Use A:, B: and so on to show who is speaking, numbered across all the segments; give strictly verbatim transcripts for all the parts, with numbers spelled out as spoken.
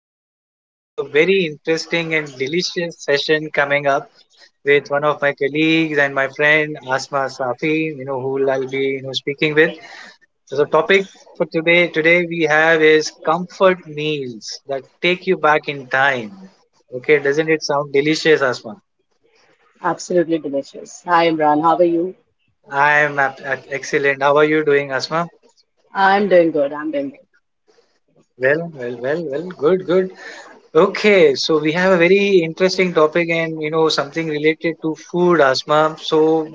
A: Okay, we have a very interesting and delicious session coming up with one of my colleagues and my friend Asma Safi. You know who I'll be you know speaking with. So the topic for today today we have is comfort meals that take you back in time. Okay, doesn't it sound delicious, Asma?
B: Absolutely delicious. Hi, Imran. How are you?
A: I am ab- ab- excellent. How are you doing, Asma?
B: I'm doing good. I'm doing
A: Well, well, well, well. Good, good. Okay, so we have a very interesting topic and you know something related to food, Asma. So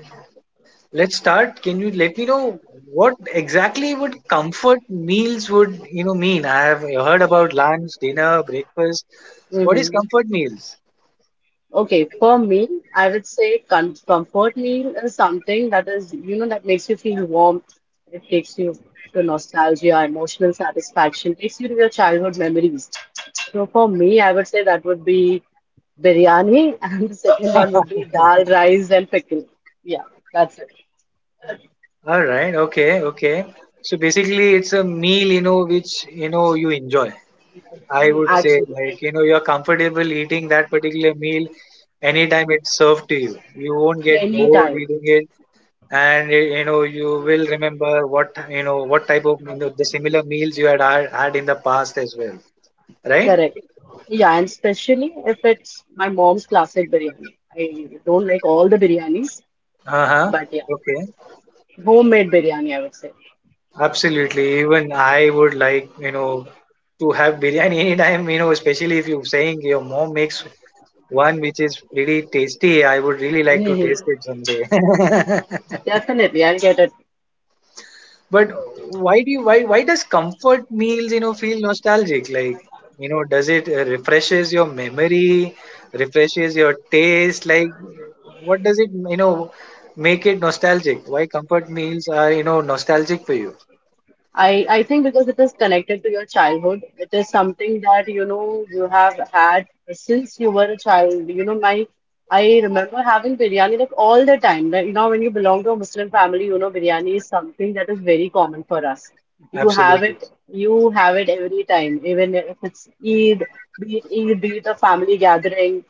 A: let's start. Can you let me know what exactly would comfort meals would you know mean? I have heard about lunch, dinner, breakfast.
B: good.
A: What is
B: Hmm
A: comfort meals?
B: Okay, for me, I would say com comfort meal is something that is, you know, that makes you feel warm. It takes you to nostalgia, emotional satisfaction, takes you to your childhood memories. So for me, I would say that would be biryani, and the second one would be dal, rice, and pickle. Yeah, that's it.
A: All right, okay, okay. So basically, it's a meal you know which you know you enjoy. I would say
B: Actually,
A: like you know you're comfortable eating that particular meal anytime it's served to you. You won't get bored
B: anytime.
A: eating it, and eh, you know you will remember what you know what type of you know the similar meals you had had had in the past as well, right?
B: Correct. Yeah, and especially if it's my mom's classic biryani. I don't like all the biryanis,
A: Uh-huh.
B: but yeah,
A: Okay.
B: homemade biryani, I would say.
A: Absolutely, even I would like you know to have biryani anytime, you know especially if you're saying your mom makes one which is really tasty. I would really like to
B: Hmm
A: taste it someday.
B: Definitely, I'll get it.
A: But why do you, why why does comfort meals you know feel nostalgic? Like, you know, does it, uh, refreshes your memory, refreshes your taste? Like, what does it you know make it nostalgic? Why comfort meals are you know nostalgic for you?
B: I I think because it is connected to your childhood, it is something that you know you have had since you were a child. You know, my I remember having biryani like all the time. Like, you know, when you belong to a Muslim family, you know, biryani is something that is very common for us. You have
A: Absolutely.
B: it, you have it every time, even if it's Eid, be it Eid, be it a family gathering.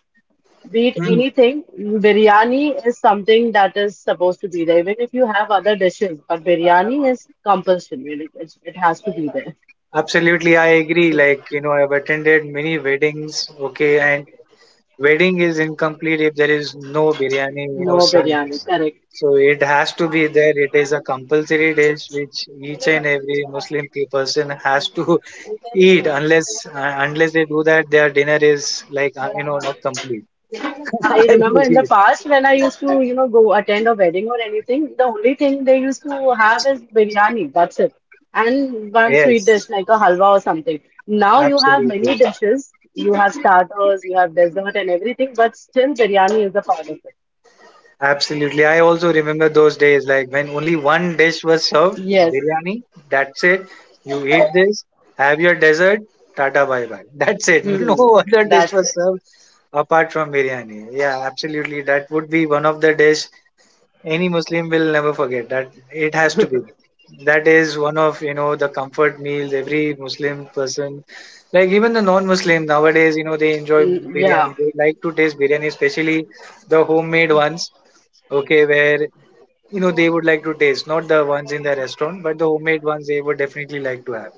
B: Be it
A: Hmm.
B: anything, biryani is something that is supposed to be there. Even if you have other dishes, but biryani is compulsory. It, it, it has to be there.
A: Absolutely, I agree. Like, you know, I've attended many weddings. Okay, and wedding is incomplete if there is no biryani. You know,
B: No
A: so
B: biryani, correct.
A: So it has to be there. It is a compulsory dish which each and every Muslim pe- person has to eat. Unless uh, unless they do that, their dinner is like, uh, you know not complete.
B: I
A: I
B: remember in the
A: believe.
B: past when I used to, you know, go attend a wedding or anything, the only thing they used to have is biryani. That's it. And one sweet
A: Yes,
B: dish like a halwa or something. Now you have many
A: absolutely.
B: dishes. You have starters, you have dessert and everything, but still biryani is a part of it.
A: Absolutely. I also remember those days, like when only one dish was served,
B: Yes.
A: biryani, that's it. You eat this, have your dessert, tata bye bye. That's it.
B: Hmm.
A: No other dish
B: That's
A: was
B: it.
A: served apart from biryani. Yeah, absolutely. That would be one of the dish any Muslim will never forget. That it has to be. That is one of, you know, the comfort meals every Muslim person, like even the non-Muslim nowadays, you know, they enjoy
B: Mm,
A: biryani.
B: yeah,
A: They like to taste biryani, especially the homemade ones, okay, where you know they would like to taste, not the ones in the restaurant, but the homemade ones they would definitely like to have.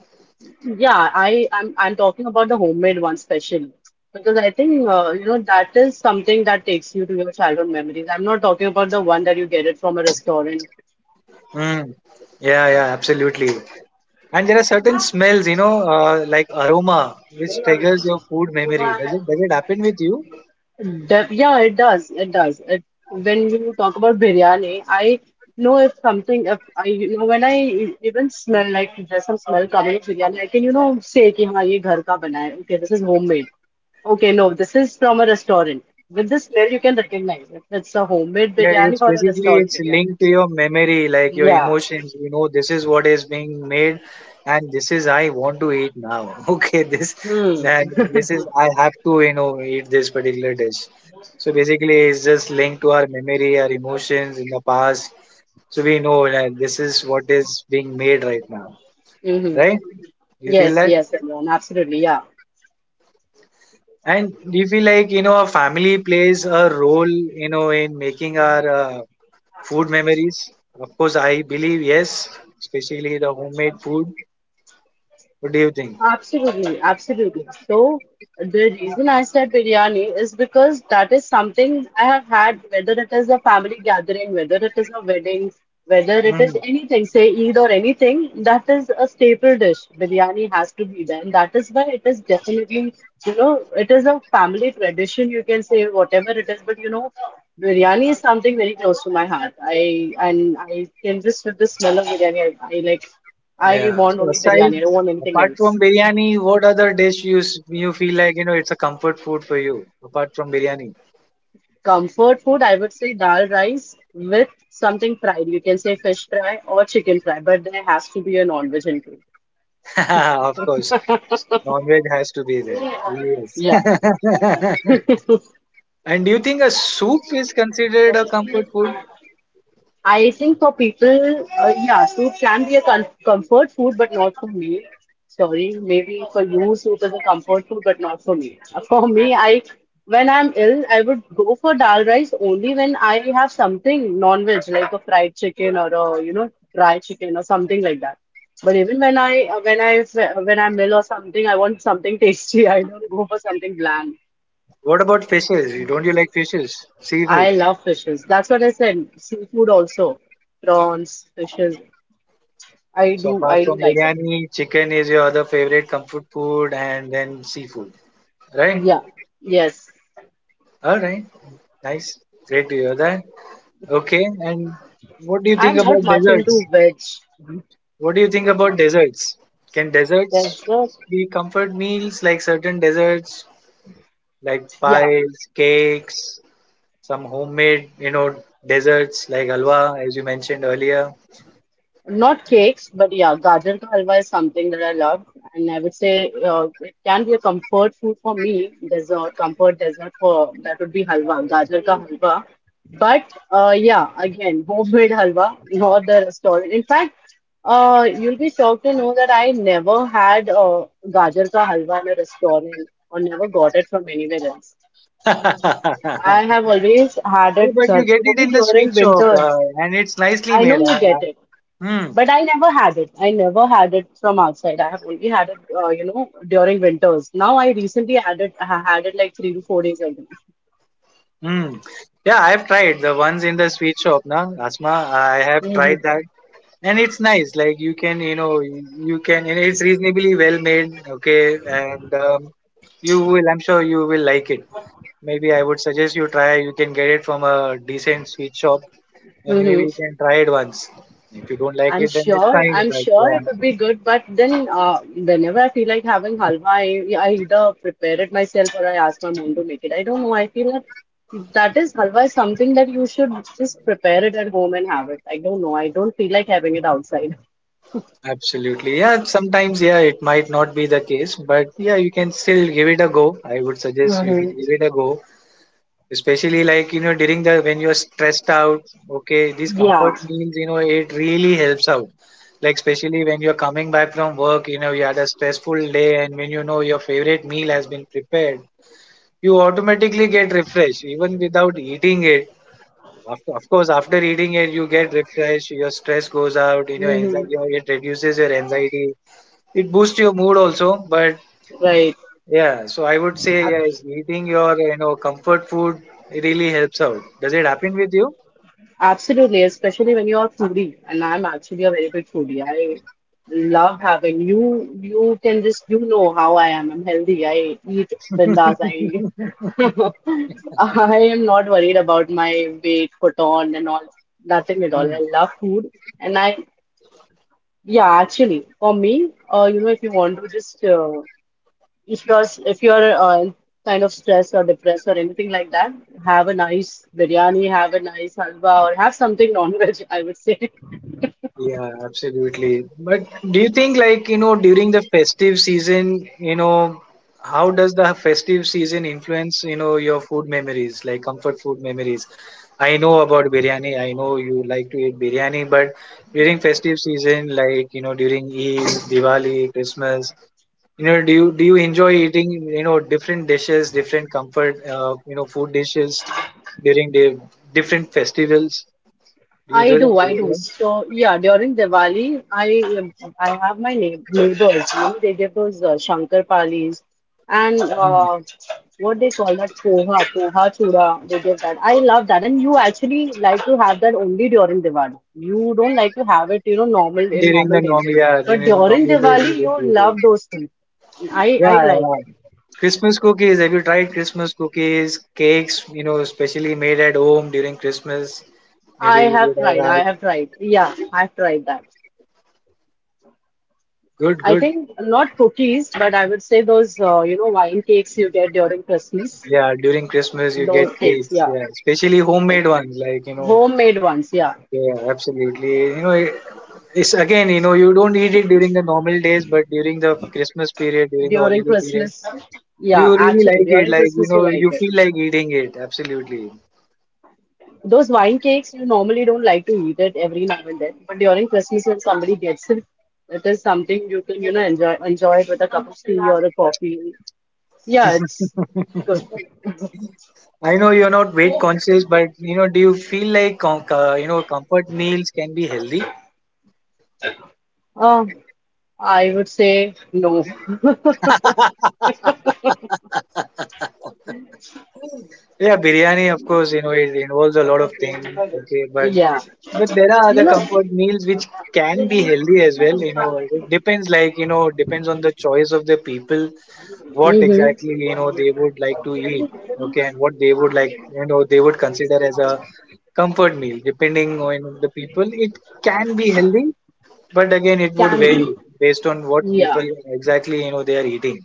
B: yeah. I I'm I'm talking about the homemade one specially because I think uh, you know that is something that takes you to your childhood memories. I'm not talking about the one that you get it from a restaurant.
A: Mm. Yeah, yeah, absolutely. And there are certain smells, you know, uh, like aroma, which triggers your food memory. Does it does it happen with you?
B: Hmm. Def yeah, it does. It does. It, when you talk about biryani, I know if something, if I, you know, when I e- even smell like there's some smell coming of biryani, I can, you know, say कि हाँ ये घर का बना है. Okay, this is homemade. Okay, no, this is from a restaurant. With the smell, you can recognize if it's a homemade
A: Yeah,
B: biryani
A: it's
B: or a
A: basically,
B: restaurant
A: it's
B: biryani.
A: linked to your memory, like your
B: Yeah.
A: emotions. You know, this is what is being made, and this is I want to eat now. Okay, this
B: Hmm.
A: and this is I have to you know eat this particular dish. So basically, it's just linked to our memory, our emotions in the past. So we know that this is what is being made right now,
B: Mm-hmm.
A: right? You feel
B: Yes,
A: that,
B: yes, Imran, absolutely. Yeah.
A: and do you feel like you know our family plays a role, you know, in making our, uh, food memories, of course, I believe yes, especially the homemade food. What do you think?
B: Absolutely, absolutely. So the reason I said biryani is because that is something I have had, whether it is a family gathering, whether it is a wedding, whether it is
A: Mm,
B: anything, say Eid or anything, that is a staple dish. Biryani has to be there, and that is why it is definitely, you know, it is a family tradition. You can say whatever it is, but you know, biryani is something very close to my heart. I and I can just with the smell of biryani, I, I like, I
A: yeah.
B: want
A: So
B: only
A: aside,
B: biryani. I don't want anything
A: apart
B: else.
A: from biryani, what other dish you s- you feel like you know it's a comfort food for you apart from biryani?
B: Comfort food, I would say dal rice with something fried. You can say fish fry or chicken fry, but there has to be a non-veg included.
A: Of course, non-veg has to be there.
B: Yeah.
A: Yes. And do you think a soup is considered a comfort food?
B: I think for people, uh, yeah, soup can be a com comfort food, but not for me. Sorry, maybe for you, soup is a comfort food, but not for me. Uh, For me, I when I'm ill, I would go for dal rice only when I have something non-veg, like a fried chicken or a you know dry chicken or something like that. But even when I uh, when I when I'm ill or something, I want something tasty. I don't go for something bland.
A: What about fishes? You- Don't you like fishes? Seafood.
B: I love fishes. That's what I said. Seafood also, prawns, fishes. I
A: So
B: do,
A: apart
B: I do
A: from
B: like them.
A: biryani, chicken is your other favorite comfort food, and then seafood. Right?
B: Yeah, yes.
A: Alright. Nice. Great to hear that. Okay. And what do you
B: I'm
A: think
B: not
A: about
B: much
A: desserts?
B: into veg.
A: What do you think about desserts? Can
B: There's
A: desserts
B: just,
A: be comfort meals, like certain desserts like
B: yeah.
A: pies, cakes, some homemade, you know, desserts like halwa as you mentioned earlier?
B: Not cakes, but yeah, gajar ka halwa is something that I love, and I would say uh, it can be a comfort food for me. Dessert, comfort dessert for that would be halwa, gajar ka halwa. But uh, yeah, again, homemade halwa, not the restaurant. In fact, uh, you'll be shocked to know that I never had uh, gajar ka halwa in a restaurant or never got it from anywhere else. I have always had
A: Yeah,
B: it
A: but
B: ghar
A: you get
B: pe, wo
A: it
B: bhi
A: in the
B: during
A: sweet shop,
B: winters.
A: uh, and it's nicely
B: I know
A: made.
B: you get it.
A: Uh, uh,
B: But I never had it. I never had it from outside. I have only had it, uh, you know, during winters. Now I recently had it. I had it like three to four days ago.
A: hmm. Hmm. Yeah, I have tried the ones in the sweet shop, na Asma. I have
B: Hmm
A: tried that, and it's nice. Like, you can, you know you can and it's reasonably well made, okay, and um, you will I'm sure you will like it. Maybe I would suggest you try. You can get it from a decent sweet shop, and
B: hmm
A: maybe you can try it once. If you don't like
B: I'm
A: it, then it's
B: sure.
A: fine,
B: I'm
A: but
B: sure
A: yeah,
B: it would be good. But then, uh, whenever I feel like having halwa, I, I either prepare it myself or I ask my mom to make it. I don't know. I feel that that is halwa is something that you should just prepare it at home and have it. I don't know. I don't feel like having it outside.
A: absolutely. Yeah, sometimes, yeah, it might not be the case, but yeah, you can still give it a go. I would suggest you can
B: Hmm
A: give it a go, especially like, you know during the when you're stressed out. Okay, these comfort
B: Yeah.
A: meals, you know it really helps out, like especially when you're coming back from work, you know you had a stressful day, and when you know your favorite meal has been prepared, you automatically get refreshed even without eating it. Of, of course, after eating it you get refreshed, your stress goes out, you know
B: hmm
A: anxiety it reduces your anxiety, it boosts your mood also. But yeah, so I would say, yeah,
B: Right.
A: eating your you know comfort food really helps out. Does it happen with you?
B: Absolutely, especially when you're a foodie, and I'm actually a very big foodie. I love having you. You can just you know how I am. I'm healthy. I eat bindas. I I am not worried about my weight, put on, and all. Nothing at
A: Mm.
B: all. I love food, and I yeah, actually, for me, uh, you know, if you want to just uh, if you're if you're uh, kind of stressed or depressed or anything like that, have a nice biryani, have a nice halwa, or have something non-veg, I would say.
A: Yeah, absolutely. But do you think like you know during the festive season, you know, how does the festive season influence you know your food memories, like comfort food memories? I know about biryani. I know you like to eat biryani, but during festive season, like, you know, during Eid, Diwali, Christmas, You know, do you do you enjoy eating, you know, different dishes, different comfort, uh, you know, food dishes during the different festivals? Do you
B: I
A: do that?
B: do,
A: Do
B: I
A: you do
B: do.
A: that?
B: So yeah, during Diwali, I um, I have my neigh neighbors. You know, they give those uh, Shankarpalis and
A: Mm.
B: uh, what they call that poha, poha chura. They give that. I love that. And you actually like to have that only during Diwali. You don't like to have it, you know, normal in
A: During
B: normal
A: the
B: days.
A: normal, yeah,
B: But
A: during the
B: during
A: normal days, you
B: Diwali,
A: don't
B: you
A: do that.
B: love those things. I I
A: Yeah,
B: like it.
A: yeah. Christmas cookies. Have you tried Christmas cookies, cakes? You know, especially made at home during Christmas.
B: I
A: Maybe you
B: have
A: would
B: tried.
A: have had.
B: I have tried. Yeah, I've tried that.
A: Good,
B: I
A: good.
B: think not cookies, but I would say those, uh, you know, wine cakes you get during Christmas.
A: Yeah, during Christmas you get
B: Those cakes,
A: cakes.
B: yeah.
A: Yeah, especially homemade ones. Like you know,
B: Homemade ones, yeah.
A: yeah, absolutely. You know, It's again, you know, you don't eat it during the normal days, but during the Christmas period, during the
B: During
A: holiday period,
B: Christmas,
A: you
B: yeah,
A: really
B: actually,
A: like it.
B: during
A: Like, you
B: Christmas we
A: know,
B: like
A: you
B: it.
A: feel like eating it. Absolutely.
B: Those wine cakes, you normally don't like to eat it every now and then, but during Christmas when somebody gets it, it is something you can, you know, enjoy enjoy it with a cup of tea or a coffee. Yeah, it's good.
A: I know you're not weight conscious, but you know, do you feel like, com- uh, you know, comfort meals can be healthy?
B: Uh, I would say no.
A: Yeah, biryani, of course, you know, it involves a lot of things. Okay, but
B: Yeah.
A: but there are other comfort meals which can be healthy as well. You know, it depends, like, you know, depends on the choice of the people what
B: Mm-hmm.
A: exactly you know they would like to eat, okay, and what they would like, you know they would consider as a comfort meal. Depending on the people, it can be healthy, but again it would
B: Can
A: vary
B: be.
A: based on what
B: Yeah.
A: people exactly you know they are eating,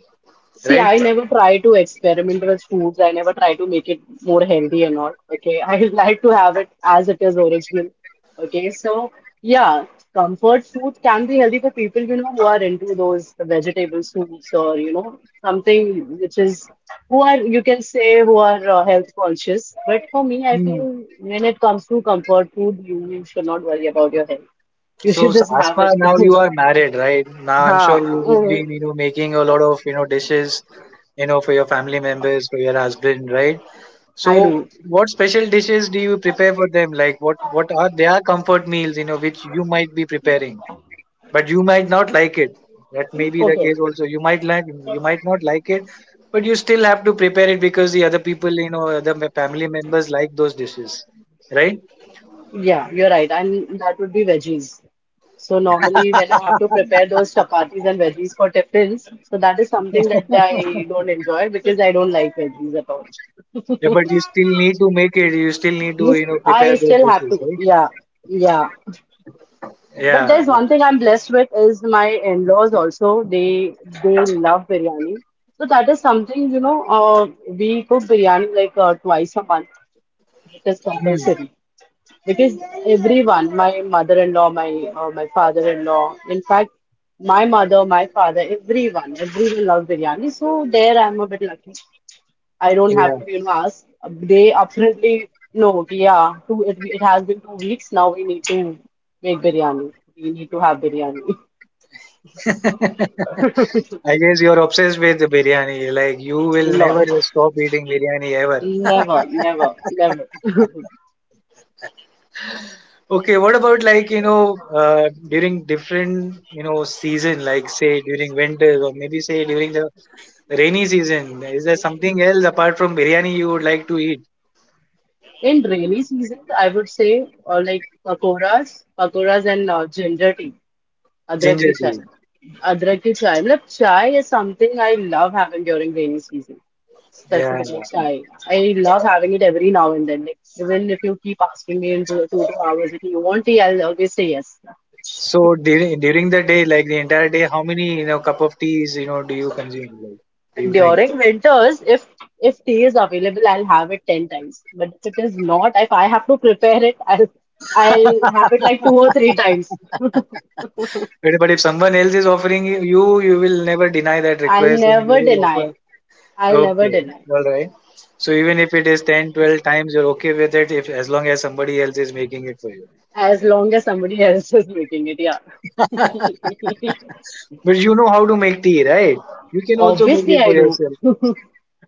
B: See,
A: right?
B: I never try to experiment with foods. I never try to make it more healthy and all. Okay. I like to have it as it is original. Okay. So, yeah, comfort food can be healthy for people, you know, who are into those vegetable soups or, you know, something which is, who are, you can say, who are uh, health conscious. But for me, I
A: Hmm.
B: feel when it comes to comfort food, you, you should not worry about your health. You should
A: so, so
B: just have
A: Asma, now you
B: it.
A: are married, right? Now I'm
B: Ha.
A: sure you would be,
B: Mm,
A: you know making a lot of, you know dishes, you know for your family members, for your husband, right? So,
B: I do.
A: what special dishes do you prepare for them? Like, what what are their comfort meals? You know, which you might be preparing, but you might not like it. That may be the
B: Okay.
A: case also. You might like, you might not like it, but you still have to prepare it because the other people, you know, other me- family members like those dishes, right?
B: Yeah, you're right. And that would be veggies. So normally when I have to prepare those chapatis and veggies for tiffins, so that is something that I don't enjoy because I don't like veggies at all.
A: Yeah, but you still need to make it. You still need to,
B: Yes,
A: you know,
B: I
A: prepare those
B: still have
A: dishes,
B: to.
A: right?
B: Yeah, yeah. But
A: Yeah.
B: there's one
A: Right.
B: thing I'm blessed with is my in-laws also. They they love biryani. So that is something, you know, uh, we cook biryani like uh, twice a month. It is
A: Hmm.
B: compulsory. Because everyone, my mother-in-law, my uh, my father-in-law, in fact, my mother, my father, everyone, everyone loves biryani. So there I'm a bit lucky. I don't have to you know ask. They apparently know कि yeah two, it, it has been two weeks now. We need to make biryani. We need to have biryani.
A: Yeah. I guess you're obsessed with the biryani. Like, you will
B: Lord,
A: never stop eating biryani ever.
B: never, never, never.
A: Okay, what about like, you know uh, during different, you know season, like say during winter or maybe say during the rainy season? Is there something else apart from biryani you would like to eat?
B: In rainy seasons, I would say, or like pakoras, pakoras and uh, ginger tea. Adrak ki
A: Ginger
B: chai.
A: tea.
B: Adrak ki chai. Matlab chai is something I love having during rainy season.
A: Yeah.
B: Specifically
A: Yeah.
B: chai. I love having it every now and then. Like even if you keep asking me in two, two, two hours if you want tea, I'll always say yes.
A: So during during the day, like the entire day, how many, you know cup of teas, you know do you consume? Like, do you drink?
B: During winters, if if tea is available, I'll have it ten times. But if it is not, if I have to prepare it, I'll I'll have it like two or three times.
A: But but if someone else is offering you, you will never deny that
B: I'll
A: request, and you
B: never
A: will
B: deny.
A: offer.
B: I'll never
A: Okay,
B: deny.
A: all right. So even if it is ten, twelve times, you're okay with it if as long as somebody else is making it for you.
B: As long as somebody else is making it, yeah.
A: But you know how to make tea, right? You can also make
B: Obviously,
A: it
B: I
A: for
B: do.
A: yourself.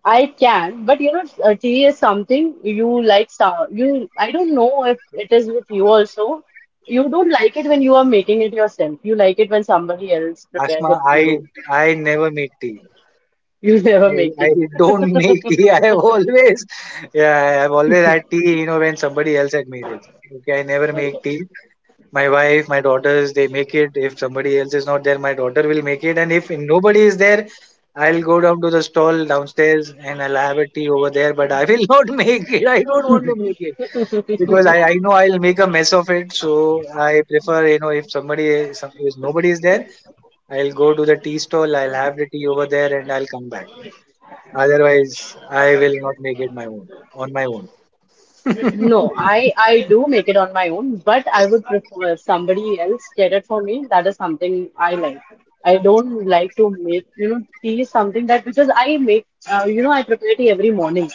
B: I can, but you know, uh, tea is something you like. So- You, I don't know if it is with you also. You don't like it when you are making it yourself. You like it when somebody else prepares it
A: Asma,
B: for
A: I
B: you.
A: I never make tea.
B: You never
A: I,
B: make
A: I
B: tea.
A: don't make tea. I have always yeah, I've always had tea, you know, when somebody else had made it. Okay, I never make tea. My wife, my daughters, they make it. If somebody else is not there, my daughter will make it, and if nobody is there, I'll go down to the stall downstairs and I'll have a tea over there. But I will not make it. I don't want to make it because i, I know I'll make a mess of it. So I prefer, you know if somebody is some- if nobody is there, I'll go to the tea stall, I'll have the tea over there and I'll come back. Otherwise I will not make it my own, on my own.
B: No, I I do make it on my own, but I would prefer somebody else get it for me. That is something I like. I don't like to make, you know, tea is something that because I make, uh, you know, I prepare tea every morning.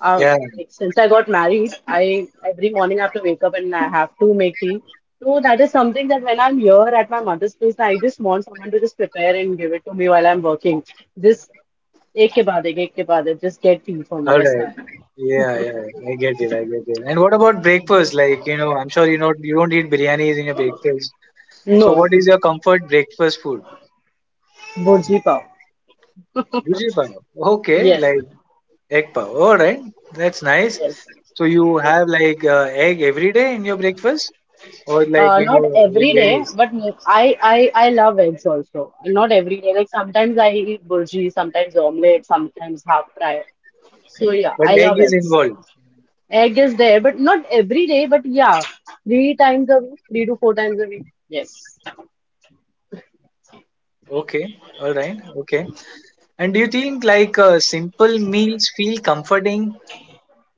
B: Uh,
A: Yeah.
B: like since I got married, I every morning I have to wake up and I have to make tea. So that is something that when I'm here at my mother's place, I just want someone to just prepare and give it to me while I'm working. Just ek ke baad ek, ek ke baad ek, just get tea for me.
A: All
B: Yes,
A: right.
B: I.
A: Yeah, yeah, yeah, I get it. I get it. And what about breakfast? Like, you know, I'm sure you know you don't eat biryanis in your breakfast. So,
B: No,
A: what is your comfort breakfast food?
B: burji pav.
A: Bhuji pav. Okay,
B: Yes,
A: like egg pav. All right, that's nice.
B: yes.
A: So you have like uh, egg every day in your breakfast, or like
B: Uh,
A: you
B: not
A: know it
B: every day,
A: varies,
B: but mo- I, I I love eggs also. Not every day. Like sometimes I eat burji, sometimes omelette, sometimes half fry. So yeah,
A: but
B: I
A: egg
B: love
A: is
B: eggs.
A: involved.
B: Egg is there, but not every day. But yeah, three times a week, three to four times a week. Yes.
A: Okay, all right, okay. And do you think like uh, simple meals feel comforting?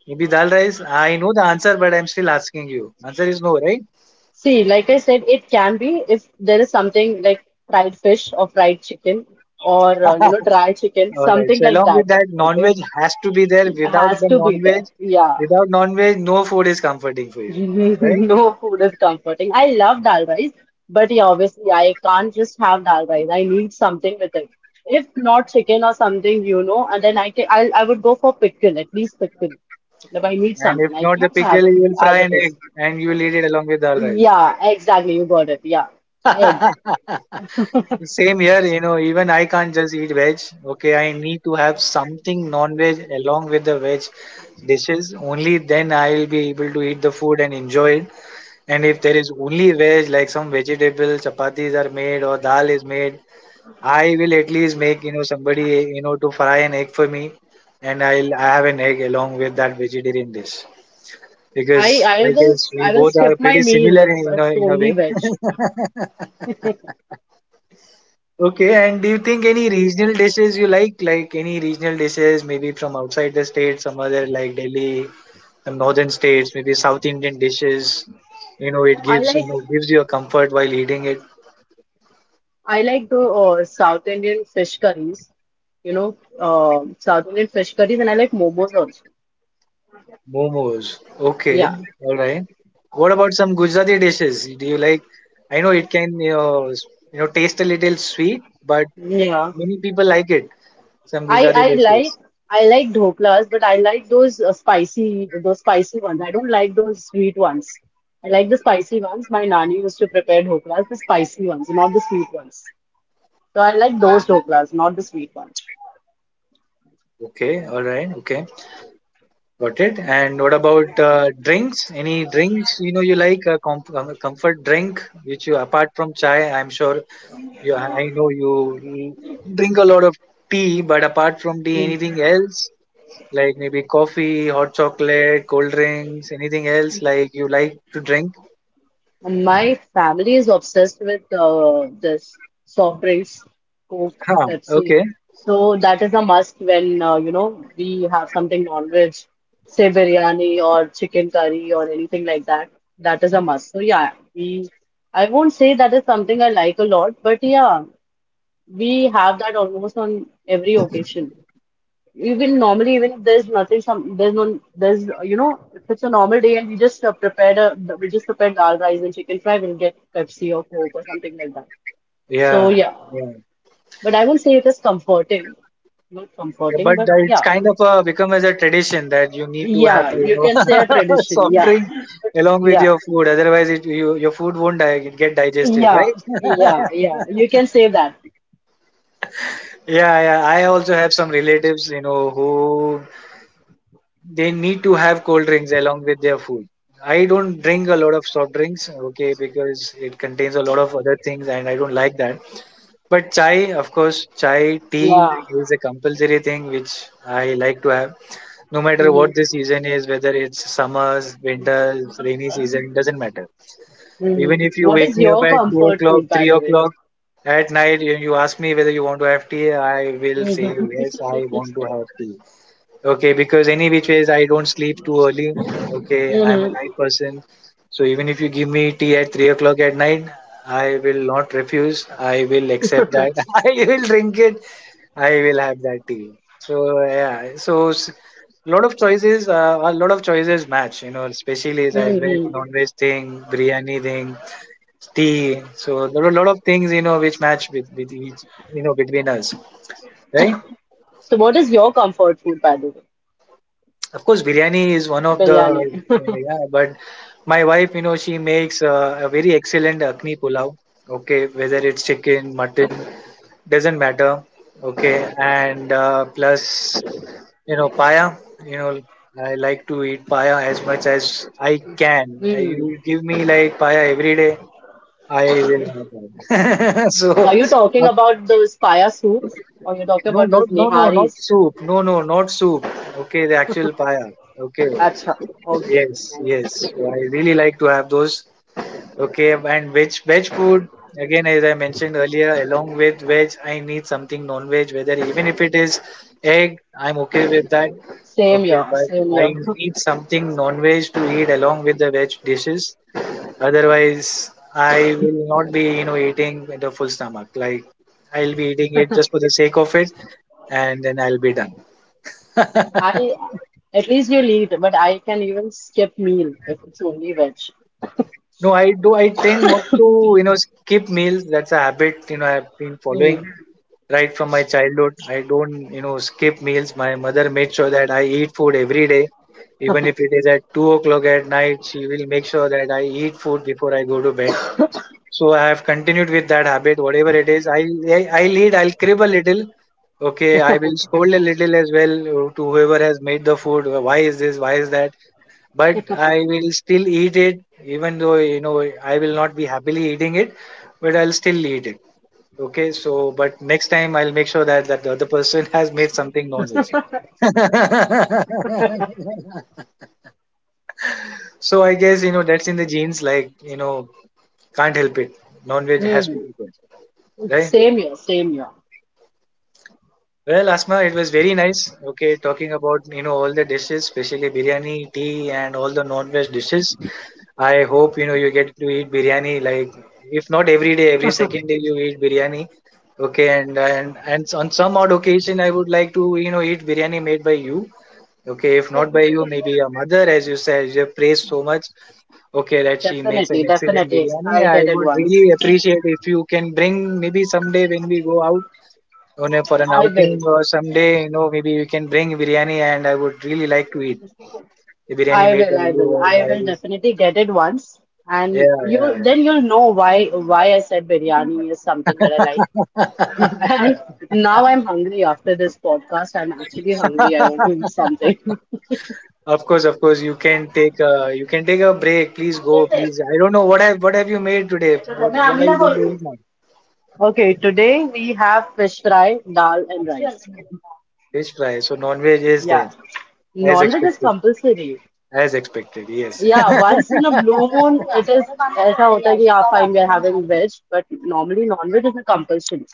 A: Maybe dal rice. I know the answer, but I'm still asking you. Answer is no, right?
B: See, like I said, it can be if there is something like fried fish or fried chicken or uh, you know dry chicken,
A: All right.
B: something
A: So
B: like
A: along with
B: that.
A: that,
B: Okay,
A: non-veg has to be there. Without
B: has
A: the
B: to be
A: non-veg,
B: there. Yeah.
A: without non-veg, no food is comforting for you, right?
B: No food is comforting. I love dal rice, but yeah, obviously I can't just have dal rice. I need something with it. If not chicken or something, you know, and then I can, I I would go for pickle, at least pickle. If I need
A: And if
B: something, I
A: not the
B: can't have
A: pickle,
B: it
A: you will fry
B: as
A: an
B: it is.
A: egg and you will eat it along with dal rice.
B: Yeah, exactly. You got it. Yeah, egg.
A: Same here, you know. Even I can't just eat veg. Okay, I need to have something non-veg along with the veg dishes. Only then I will be able to eat the food and enjoy it. And if there is only veg, like some vegetable chapatis are made or dal is made, I will at least make, you know, somebody, you know, to fry an egg for me, and I'll I have an egg along with that vegetarian dish
B: I
A: because
B: I
A: I
B: will
A: guess
B: s-
A: we
B: I will
A: both are
B: skip my
A: pretty
B: meal
A: similar
B: if
A: in, you know,
B: it's
A: in a
B: only
A: way.
B: veg.
A: Okay, and do you think any regional dishes you like, like any regional dishes maybe from outside the state, some other like Delhi, some northern states, maybe South Indian dishes? You know, it
B: I
A: gives,
B: like
A: you know, gives you a comfort while eating it.
B: I like the uh, South Indian fish curries. You know, uh, South Indian fish curries, and I like momos also.
A: Momos. Okay,
B: Yeah,
A: all right. What about some Gujarati dishes? Do you like? I know it can, you know, s- you know, taste a little sweet, but
B: yeah.
A: many people like it. Some
B: I
A: Gujarati
B: I like
A: dishes.
B: I like dhoklas, but I like those uh, spicy those spicy ones. I don't like those sweet ones. I like the spicy ones. My nani used to prepare dhoklas, the spicy ones, not the sweet ones. So I like those dhoklas, not the sweet ones.
A: Okay, all right. Okay, got it. And what about uh, drinks? Any drinks, you know, you like a com um, comfort drink which you, apart from chai? I'm sure you. I I know you drink a lot of tea, but apart from tea, anything else? Like maybe coffee, hot chocolate, cold drinks, anything else like you like to drink?
B: My family is obsessed with uh, this soft drinks, Coke,
A: Huh.
B: Pepsi.
A: Okay.
B: So that is a must when uh, you know we have something non-veg, say biryani or chicken curry or anything like that. That is a must. So yeah, we I won't say that is something I like a lot, but yeah, we have that almost on every occasion. Even normally, even if there's nothing, some there's no there's you know if it's a normal day and we just uh, prepared a we just prepared dal rice and chicken fry, we'll get Pepsi or Coke or something like that. So
A: Yeah.
B: yeah,
A: Yeah.
B: but I won't say it is comforting, not comforting,
A: But
B: but
A: that it's
B: yeah,
A: kind of uh become as a tradition that you need to have,
B: yeah,
A: you
B: you
A: know,
B: can say a tradition.
A: soft
B: Yeah,
A: drink along with
B: yeah,
A: your food. Otherwise, it you, your food won't di- get digested,
B: yeah,
A: right?
B: yeah, yeah. You can say that.
A: Yeah, yeah. I also have some relatives, you know, who they need to have cold drinks along with their food. I don't drink a lot of soft drinks, okay, because it contains a lot of other things and I don't like that. But chai, of course, chai, tea
B: Yeah.
A: is a compulsory thing which I like to have. No matter
B: hmm
A: what the season is, whether it's summers, winters, rainy season, it doesn't matter.
B: hmm
A: Even if you
B: What is
A: wake me up
B: your
A: at two
B: comfort
A: o'clock,
B: food, by
A: three
B: the way?
A: o'clock at night, and you ask me whether you want to have tea, I will say,
B: Mm-hmm.
A: yes, I want to have tea. Okay, because any which ways I don't sleep too early. Okay, I'm a
B: Mm-hmm.
A: night person. So even if you give me tea at three o'clock at night, I will not refuse. I will accept that. I will drink it. I will have that tea. So yeah, so s- lot of choices. Uh, a lot of choices match. You know, especially like veg,
B: Mm-hmm.
A: non-veg thing, biryani thing, tea. So there are a lot of things, you know, which match with with each, you know, between us, right?
B: So what is your comfort food, by the way?
A: Of course, biryani is one of the,
B: Biryani.
A: yeah, but my wife, you know, she makes uh, a very excellent akni pulao. Okay, whether it's chicken, mutton, doesn't matter. Okay, and uh, plus, you know, paya. You know, I like to eat paya as much as I can. I, you
B: Hmm.
A: give me like paya every day, I will have paya. so,
B: Are you talking
A: uh,
B: about those paya soups or you're talking
A: no,
B: about
A: no,
B: those
A: no, no, not
B: niharis?
A: soup. No, no, not soup. Okay, the actual paya. Okay.
B: Acha. Okay,
A: Yes, yes.
B: nice.
A: I really like to have those. Okay, and veg veg food again, as I mentioned earlier, along with veg, I need something non-veg. Whether even if it is egg, I'm okay with that.
B: Same
A: Okay,
B: here,
A: but
B: same
A: I
B: here.
A: need something non-veg to eat along with the veg dishes. Otherwise, I will not be, you know, eating with a full stomach. Like I'll be eating it just for the sake of it, and then I'll be done.
B: I At least you'll eat, but I can even skip meal if it's only veg.
A: No, I do. I tend not to, you know, skip meals. That's a habit, you know, I've been following
B: Hmm.
A: right from my childhood. I don't, you know, skip meals. My mother made sure that I eat food every day. Even if it is at two o'clock at night, she will make sure that I eat food before I go to bed. So I have continued with that habit, whatever it is. I I, I'll eat, I'll crib a little. Okay, I will scold a little as well uh, to whoever has made the food. Uh, why is this? Why is that? But I will still eat it, even though you know I will not be happily eating it, but I'll still eat it. Okay, so but next time I'll make sure that that the other person has made something non-veg. So I guess, you know, that's in the genes, like, you know, can't help it. Non-veg has to
B: Hmm.
A: be good, right?
B: Same here, same here.
A: Well, Asma, it was very nice. Okay, talking about, you know, all the dishes, especially biryani, tea, and all the non-veg dishes. I hope, you know, you get to eat biryani, like if not every day, every second day you eat biryani. Okay, and and and on some odd occasion I would like to, you know, eat biryani made by you. Okay, if not by you, maybe your mother, as you said, you have praised so much. Okay, that she makes
B: Definitely,
A: an excellent
B: definitely.
A: biryani.
B: I'll
A: I
B: get it
A: would
B: once.
A: really appreciate if you can bring, maybe someday when we go out on a, for an
B: I will.
A: outing, or someday, you know, maybe you can bring biryani and I would really like to eat the biryani
B: I
A: made
B: will,
A: by
B: I
A: you
B: will.
A: or
B: I
A: by,
B: will definitely get it once. And you
A: yeah,
B: then you'll know why why I said biryani is something that I
A: yeah.
B: like.
A: Yeah.
B: And now I'm hungry after this podcast. I'm actually hungry. I want to eat something.
A: Of course, of course, you can take a, you can take a break. Please go, please. I don't know what have what have you made today. What what are you going to eat now?
B: Okay, today we have fish fry, dal, and rice.
A: Fish fry. So non veg is there
B: Yeah.
A: as
B: Non-veg is
A: expected.
B: compulsory.
A: As expected. Yes,
B: Yeah, once in a blue moon it is ऐसा होता है कि yeah, fine we are having veg, but normally non-veg is a compulsion.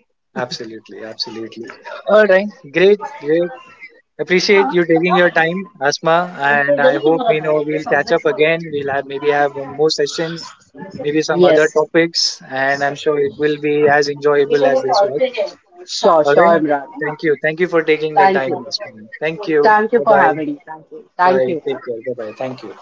A: absolutely, absolutely. All right, great, great. Appreciate you taking your time, Asma, and I hope, you know, we'll catch up again. We'll have maybe have one more sessions, maybe some other
B: Yes.
A: topics, and I'm sure it will be as enjoyable as this was.
B: Sure,
A: All
B: sure,
A: right.
B: Imran.
A: Thank you. Thank you for taking the
B: Thank
A: time.
B: you.
A: mister Thank you.
B: Thank you
A: Bye
B: for
A: bye.
B: having me. Thank you. Thank
A: Bye.
B: you.
A: Take care. Bye bye. Thank you.